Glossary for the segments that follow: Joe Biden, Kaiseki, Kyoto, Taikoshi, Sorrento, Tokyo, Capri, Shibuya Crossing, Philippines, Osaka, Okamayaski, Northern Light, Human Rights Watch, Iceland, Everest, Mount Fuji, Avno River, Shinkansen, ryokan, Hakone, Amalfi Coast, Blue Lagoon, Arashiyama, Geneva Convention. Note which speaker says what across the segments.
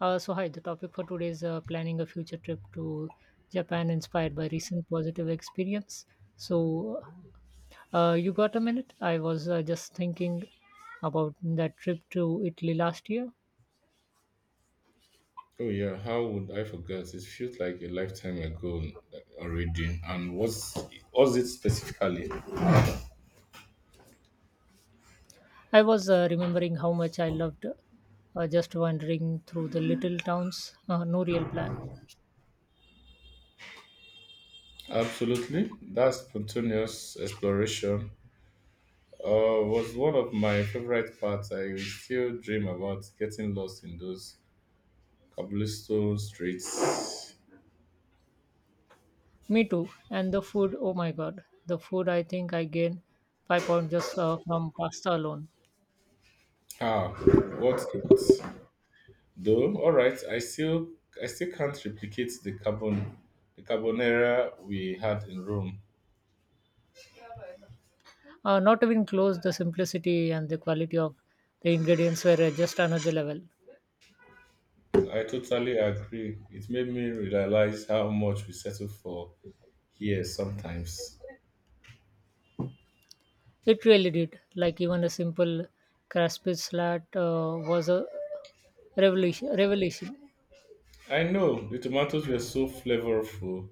Speaker 1: Hi, the topic for today is planning a future trip to Japan inspired by recent positive experience. So, you got a minute? I was just thinking about that trip to Italy last year.
Speaker 2: Oh yeah, how would I forget? It feels like a lifetime ago already. And what's was it specifically?
Speaker 1: I was remembering how much I loved just wandering through the little towns, no real plan.
Speaker 2: Absolutely, that spontaneous exploration was one of my favorite parts. I still dream about getting lost in those cobblestone streets.
Speaker 1: Me too. And the food, oh my god, the food I think I gained 5 pounds just from pasta alone.
Speaker 2: Ah, what it though? All right, I still can't replicate the carbonara we had in Rome.
Speaker 1: Not even close, the simplicity and the quality of the ingredients were just another level.
Speaker 2: I totally agree. It made me realize how much we settle for here sometimes.
Speaker 1: It really did. Like even a simple crispy slat was a revolution.
Speaker 2: I know the tomatoes were so flavorful.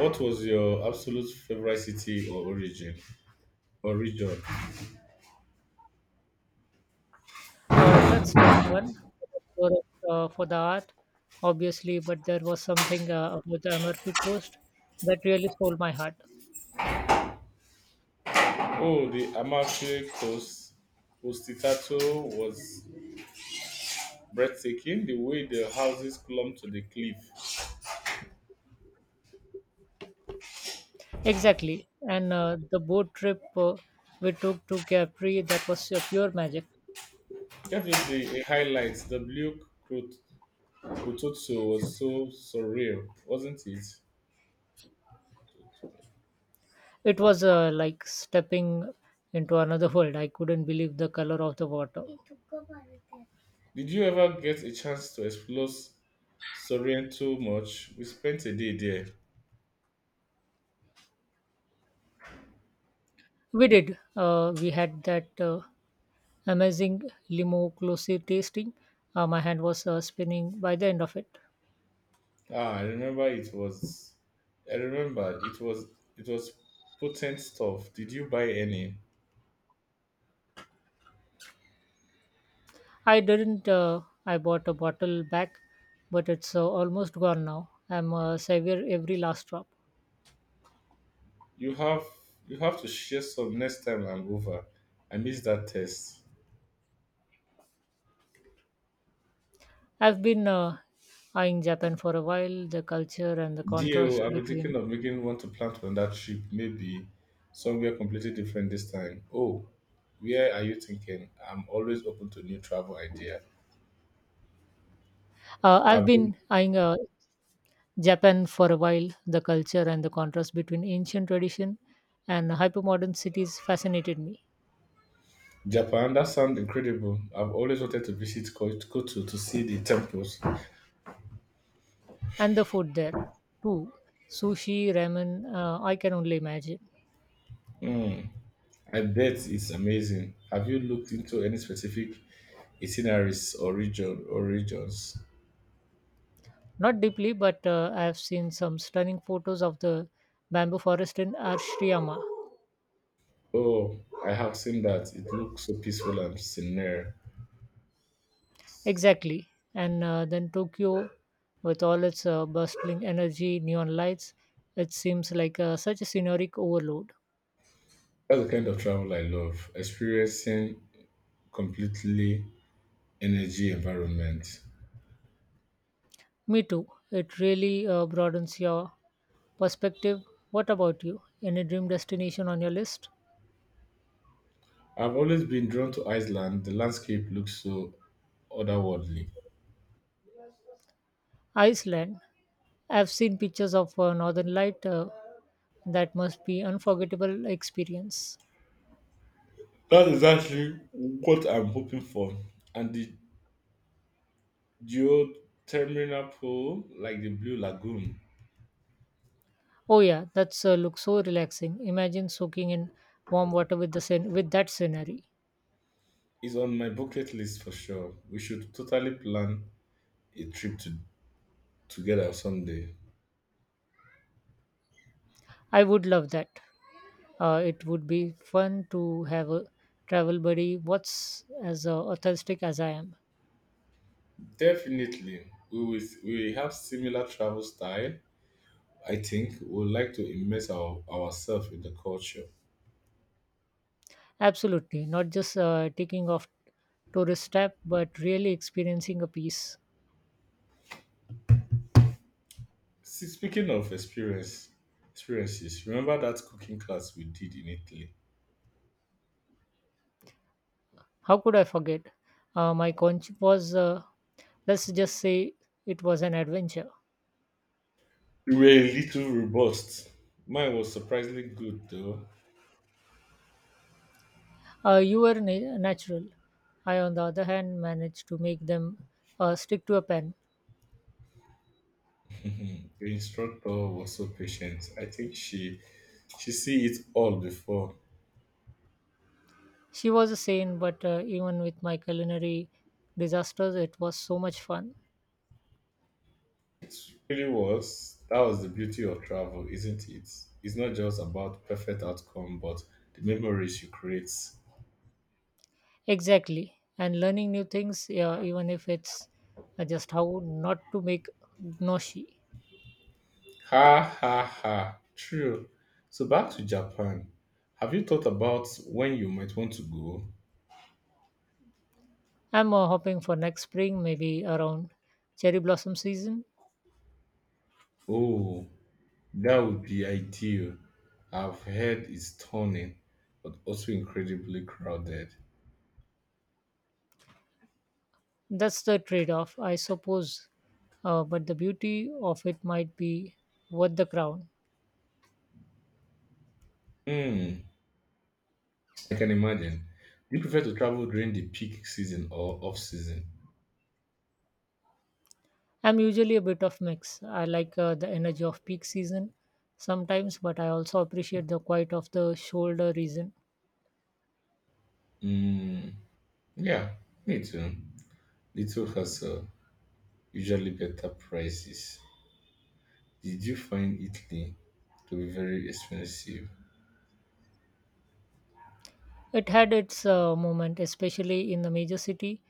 Speaker 2: What was your absolute favorite city or origin or region?
Speaker 1: That's tough one for, for the art, obviously, but there was something about the Amalfi Coast that really stole my heart.
Speaker 2: Oh, the Amalfi Coast. Postitato was breathtaking. The way the houses clumped to the cliff,
Speaker 1: Exactly. And the boat trip we took to Capri, that was pure magic.
Speaker 2: definitely a highlight. The blue Crot- Crotozzo was so surreal, wasn't it?
Speaker 1: It was like stepping into another world. I couldn't believe the color of the water.
Speaker 2: Did you ever get a chance to explore Sorrento much? We spent a day there.
Speaker 1: We did. We had that amazing limo closely tasting. My hand was spinning by the end of it.
Speaker 2: Ah, I remember it was. It was potent stuff. Did you buy any?
Speaker 1: I didn't. I bought a bottle back, but it's almost gone now. I'm savor every last drop.
Speaker 2: You have. You have to share some next time I'm over. I missed that test.
Speaker 1: I've been eyeing Japan for a while. The culture and the
Speaker 2: Deal.
Speaker 1: contrast
Speaker 2: I've been thinking
Speaker 1: between.
Speaker 2: of making one to plant on that trip. Maybe somewhere completely different this time. Oh, where are you thinking? I'm always open to new travel idea.
Speaker 1: I've
Speaker 2: I've been
Speaker 1: been eyeing Japan for a while, the culture and the contrast between ancient tradition and hypermodern cities fascinated me.
Speaker 2: Japan, that sounds incredible. I've always wanted to visit Kyoto to see the temples.
Speaker 1: And the food there, too. Sushi, ramen, I can only imagine.
Speaker 2: Hmm, I bet it's amazing. Have you looked into any specific itineraries or regions?
Speaker 1: Not deeply, but I have seen some stunning photos of the bamboo forest in Arashiyama.
Speaker 2: Oh, I have seen that. It looks so peaceful and serene.
Speaker 1: Exactly. And then Tokyo, with all its bustling energy, neon lights, it seems like such a scenic overload.
Speaker 2: That's the kind of travel I love, experiencing completely energy environment.
Speaker 1: Me too. It really broadens your perspective. What about you? Any dream destination on your list?
Speaker 2: I've always been drawn to Iceland. The landscape looks so otherworldly.
Speaker 1: Iceland. I've seen pictures of Northern Light. That must be unforgettable experience.
Speaker 2: That's exactly what I'm hoping for. And the geothermal pool, like the Blue Lagoon,
Speaker 1: Oh yeah, that's looks so relaxing. Imagine soaking in warm water with the with that scenery.
Speaker 2: is on my bucket list for sure. We should totally plan a trip to, together someday.
Speaker 1: I would love that. It would be fun to have a travel buddy. What's as authentic as I am.
Speaker 2: Definitely. We will, we have similar travel style. I think we would like to immerse ourselves in the culture.
Speaker 1: Absolutely, not just ticking off tourist trap, but really experiencing a piece.
Speaker 2: See, speaking of experiences, remember that cooking class we did in Italy?
Speaker 1: How could I forget? My conch was, let's just say, it was an adventure.
Speaker 2: We were a little robust. Mine was surprisingly good though.
Speaker 1: You were natural. I, on the other hand, managed to make them stick to a pen.
Speaker 2: Mhm. The instructor was so patient. I think she see it all before.
Speaker 1: She was a saint, but even with my culinary disasters, it was so much fun.
Speaker 2: Really was. That was the beauty of travel, isn't it? It's not just about perfect outcome, but the memories you create.
Speaker 1: Exactly, and learning new things, yeah, even if it's just how not to make gnocchi.
Speaker 2: Ha ha ha. True. So back to Japan. Have you thought about when you might want to go?
Speaker 1: I'm hoping for next spring, maybe around cherry blossom season.
Speaker 2: Oh, that would be ideal. I've heard it's stunning, but also incredibly crowded.
Speaker 1: That's the trade off, I suppose. But the beauty of it might be worth the crown.
Speaker 2: Hmm, I can imagine. Do you prefer to travel during the peak season or off season?
Speaker 1: I'm usually a bit of mix. I like the energy of peak season sometimes, but I also appreciate the quiet of the shoulder reason.
Speaker 2: Hmm. Yeah, me too. Little Hustle, usually better prices. Did you find Italy to be very expensive?
Speaker 1: It had its moment, especially in the major city.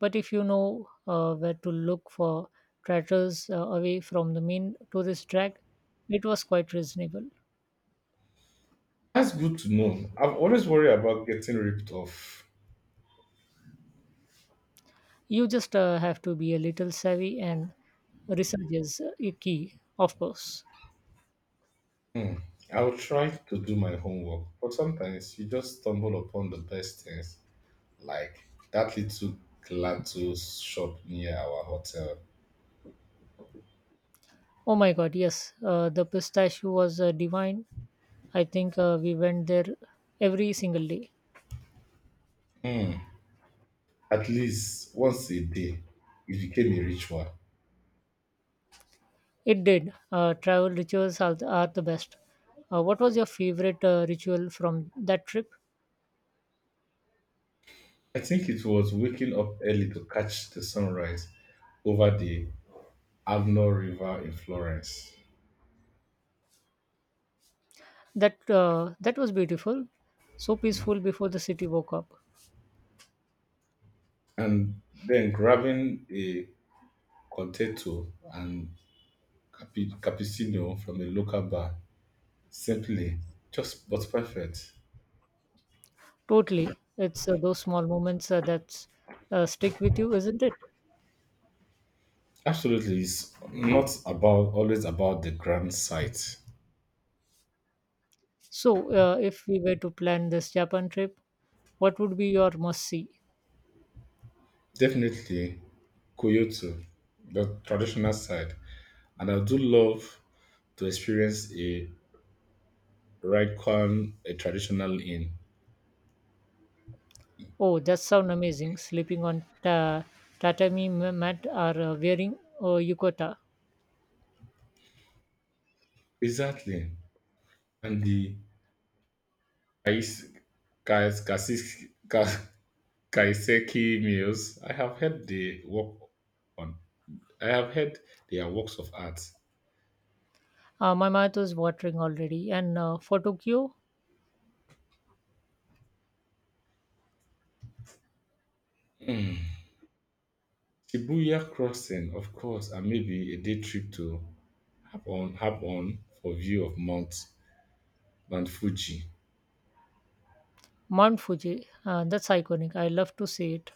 Speaker 1: But if you know where to look for tratters away from the main tourist track, it was quite reasonable.
Speaker 2: That's good to know. I've always worried about getting ripped off.
Speaker 1: You just have to be a little savvy and research is a key, of course.
Speaker 2: Hmm. I'll try to do my homework, but sometimes you just stumble upon the best things, like that little gelato shop near our hotel.
Speaker 1: Oh my god, yes, the pistachio was divine. I think we went there every single day.
Speaker 2: Hmm. At least once a day, it became a ritual.
Speaker 1: It did. Travel rituals are the best. What was your favorite ritual from that trip?
Speaker 2: I think it was waking up early to catch the sunrise over the Avno River in Florence,
Speaker 1: That was beautiful, so peaceful before the city woke up.
Speaker 2: and then grabbing a contetto and cappuccino from a local bar. Simply, just but perfect.
Speaker 1: Totally, it's those small moments that stick with you, isn't it?
Speaker 2: Absolutely, it's not about always about the grand sight.
Speaker 1: So, if we were to plan this Japan trip, what would be your must see?
Speaker 2: Definitely, Kyoto, the traditional side, and I do love to experience a raikon, a traditional inn.
Speaker 1: Oh, that sounds amazing. Sleeping on tatami mat or wearing yukata.
Speaker 2: Exactly. And the Kais, Kais, Kasis, Ka- Kaiseki meals, I have heard they work on. I have heard they are works of art.
Speaker 1: My mouth was watering already. And for Tokyo,
Speaker 2: Hmm. Shibuya Crossing, of course, and maybe a day trip to Hapon for view of Mount Fuji.
Speaker 1: Mount Fuji. That's iconic. I love to see it.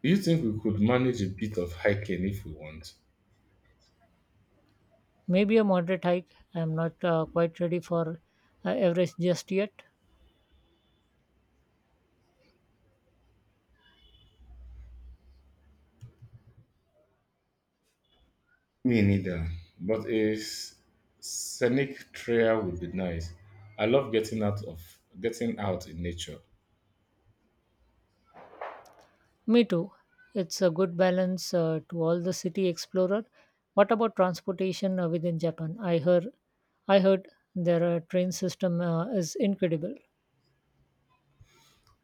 Speaker 2: Do you think we could manage a bit of hiking if we want?
Speaker 1: Maybe a moderate hike. I'm not quite ready for Everest just yet.
Speaker 2: Me neither. But scenic trail would be nice. I love getting out in nature.
Speaker 1: Me too. It's a good balance to all the city explorer. What about transportation within Japan? I heard their train system is incredible.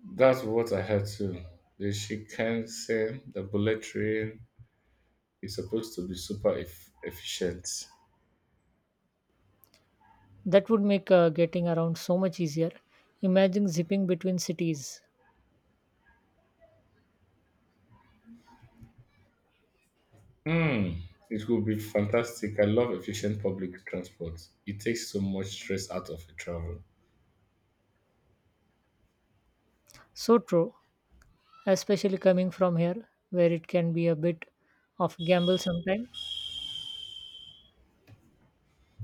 Speaker 2: That's what I heard too. The Shinkansen, the bullet train, is supposed to be super efficient.
Speaker 1: That would make getting around so much easier. Imagine zipping between cities.
Speaker 2: Hmm, it will be fantastic. I love efficient public transport. It takes so much stress out of a travel.
Speaker 1: So true, especially coming from here, where it can be a bit of gamble sometimes.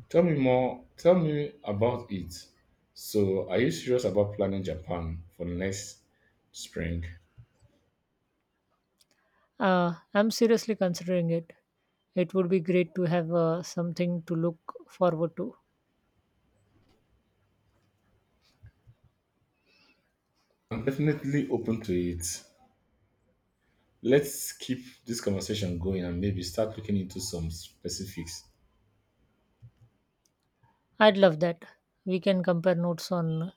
Speaker 2: Tell me more. Tell me about it. So, are you serious about planning Japan for next spring?
Speaker 1: I'm seriously considering it. It would be great to have something to look forward to.
Speaker 2: I'm definitely open to it. Let's keep this conversation going and maybe start looking into some specifics.
Speaker 1: I'd love that. We can compare notes on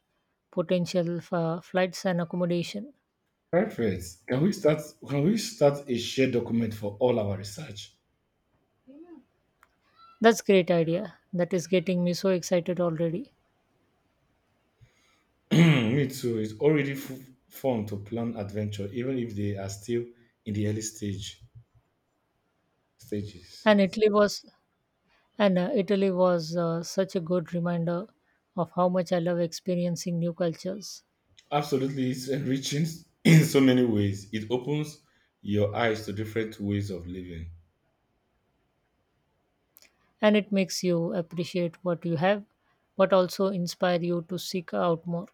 Speaker 1: potential flights and accommodation.
Speaker 2: Perfect. Can we start a shared document for all our research?
Speaker 1: That's great idea. That is getting me so excited already.
Speaker 2: Me too. It's already fun to plan adventure, even if they are still in the early stage stages.
Speaker 1: And Italy was and Italy was such a good reminder of how much I love experiencing new cultures.
Speaker 2: Absolutely, it's enriching in so many ways. It opens your eyes to different ways of living.
Speaker 1: And it makes you appreciate what you have, but also inspire you to seek out more.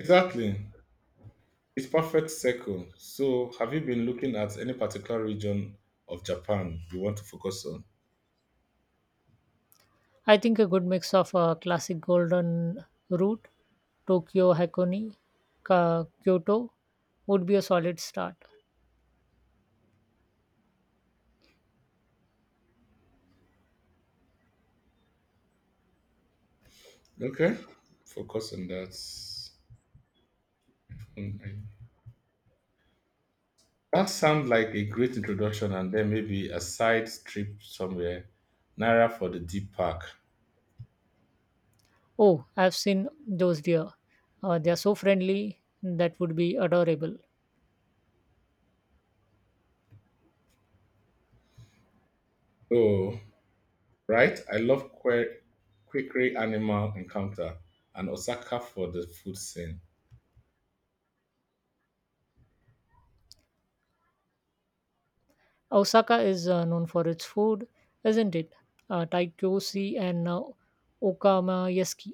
Speaker 2: Exactly. It's perfect circle. So, have you been looking at any particular region of Japan you want to focus on?
Speaker 1: I think a good mix of classic golden route, Tokyo Hakone, Kyoto would be a solid start.
Speaker 2: Okay, focus on that. Mm, I That sounds like a great introduction and then maybe a side trip somewhere, Naira for the deep park.
Speaker 1: Oh, I've seen those deer. They are so friendly. That would be adorable.
Speaker 2: Oh, right. I love Quakery Animal Encounter and Osaka for the food scene.
Speaker 1: Osaka is known for its food, isn't it? Taikoshi and Okamayaski.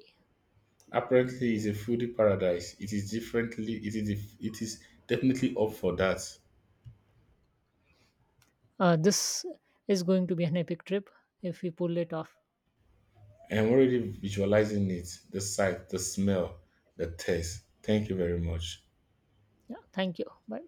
Speaker 2: Apparently, it's a foodie paradise. It is definitely up for that.
Speaker 1: This is going to be an epic trip if we pull it off.
Speaker 2: I am already visualizing it. The sight, the smell, the taste. Thank you very much.
Speaker 1: Yeah, thank you. Bye.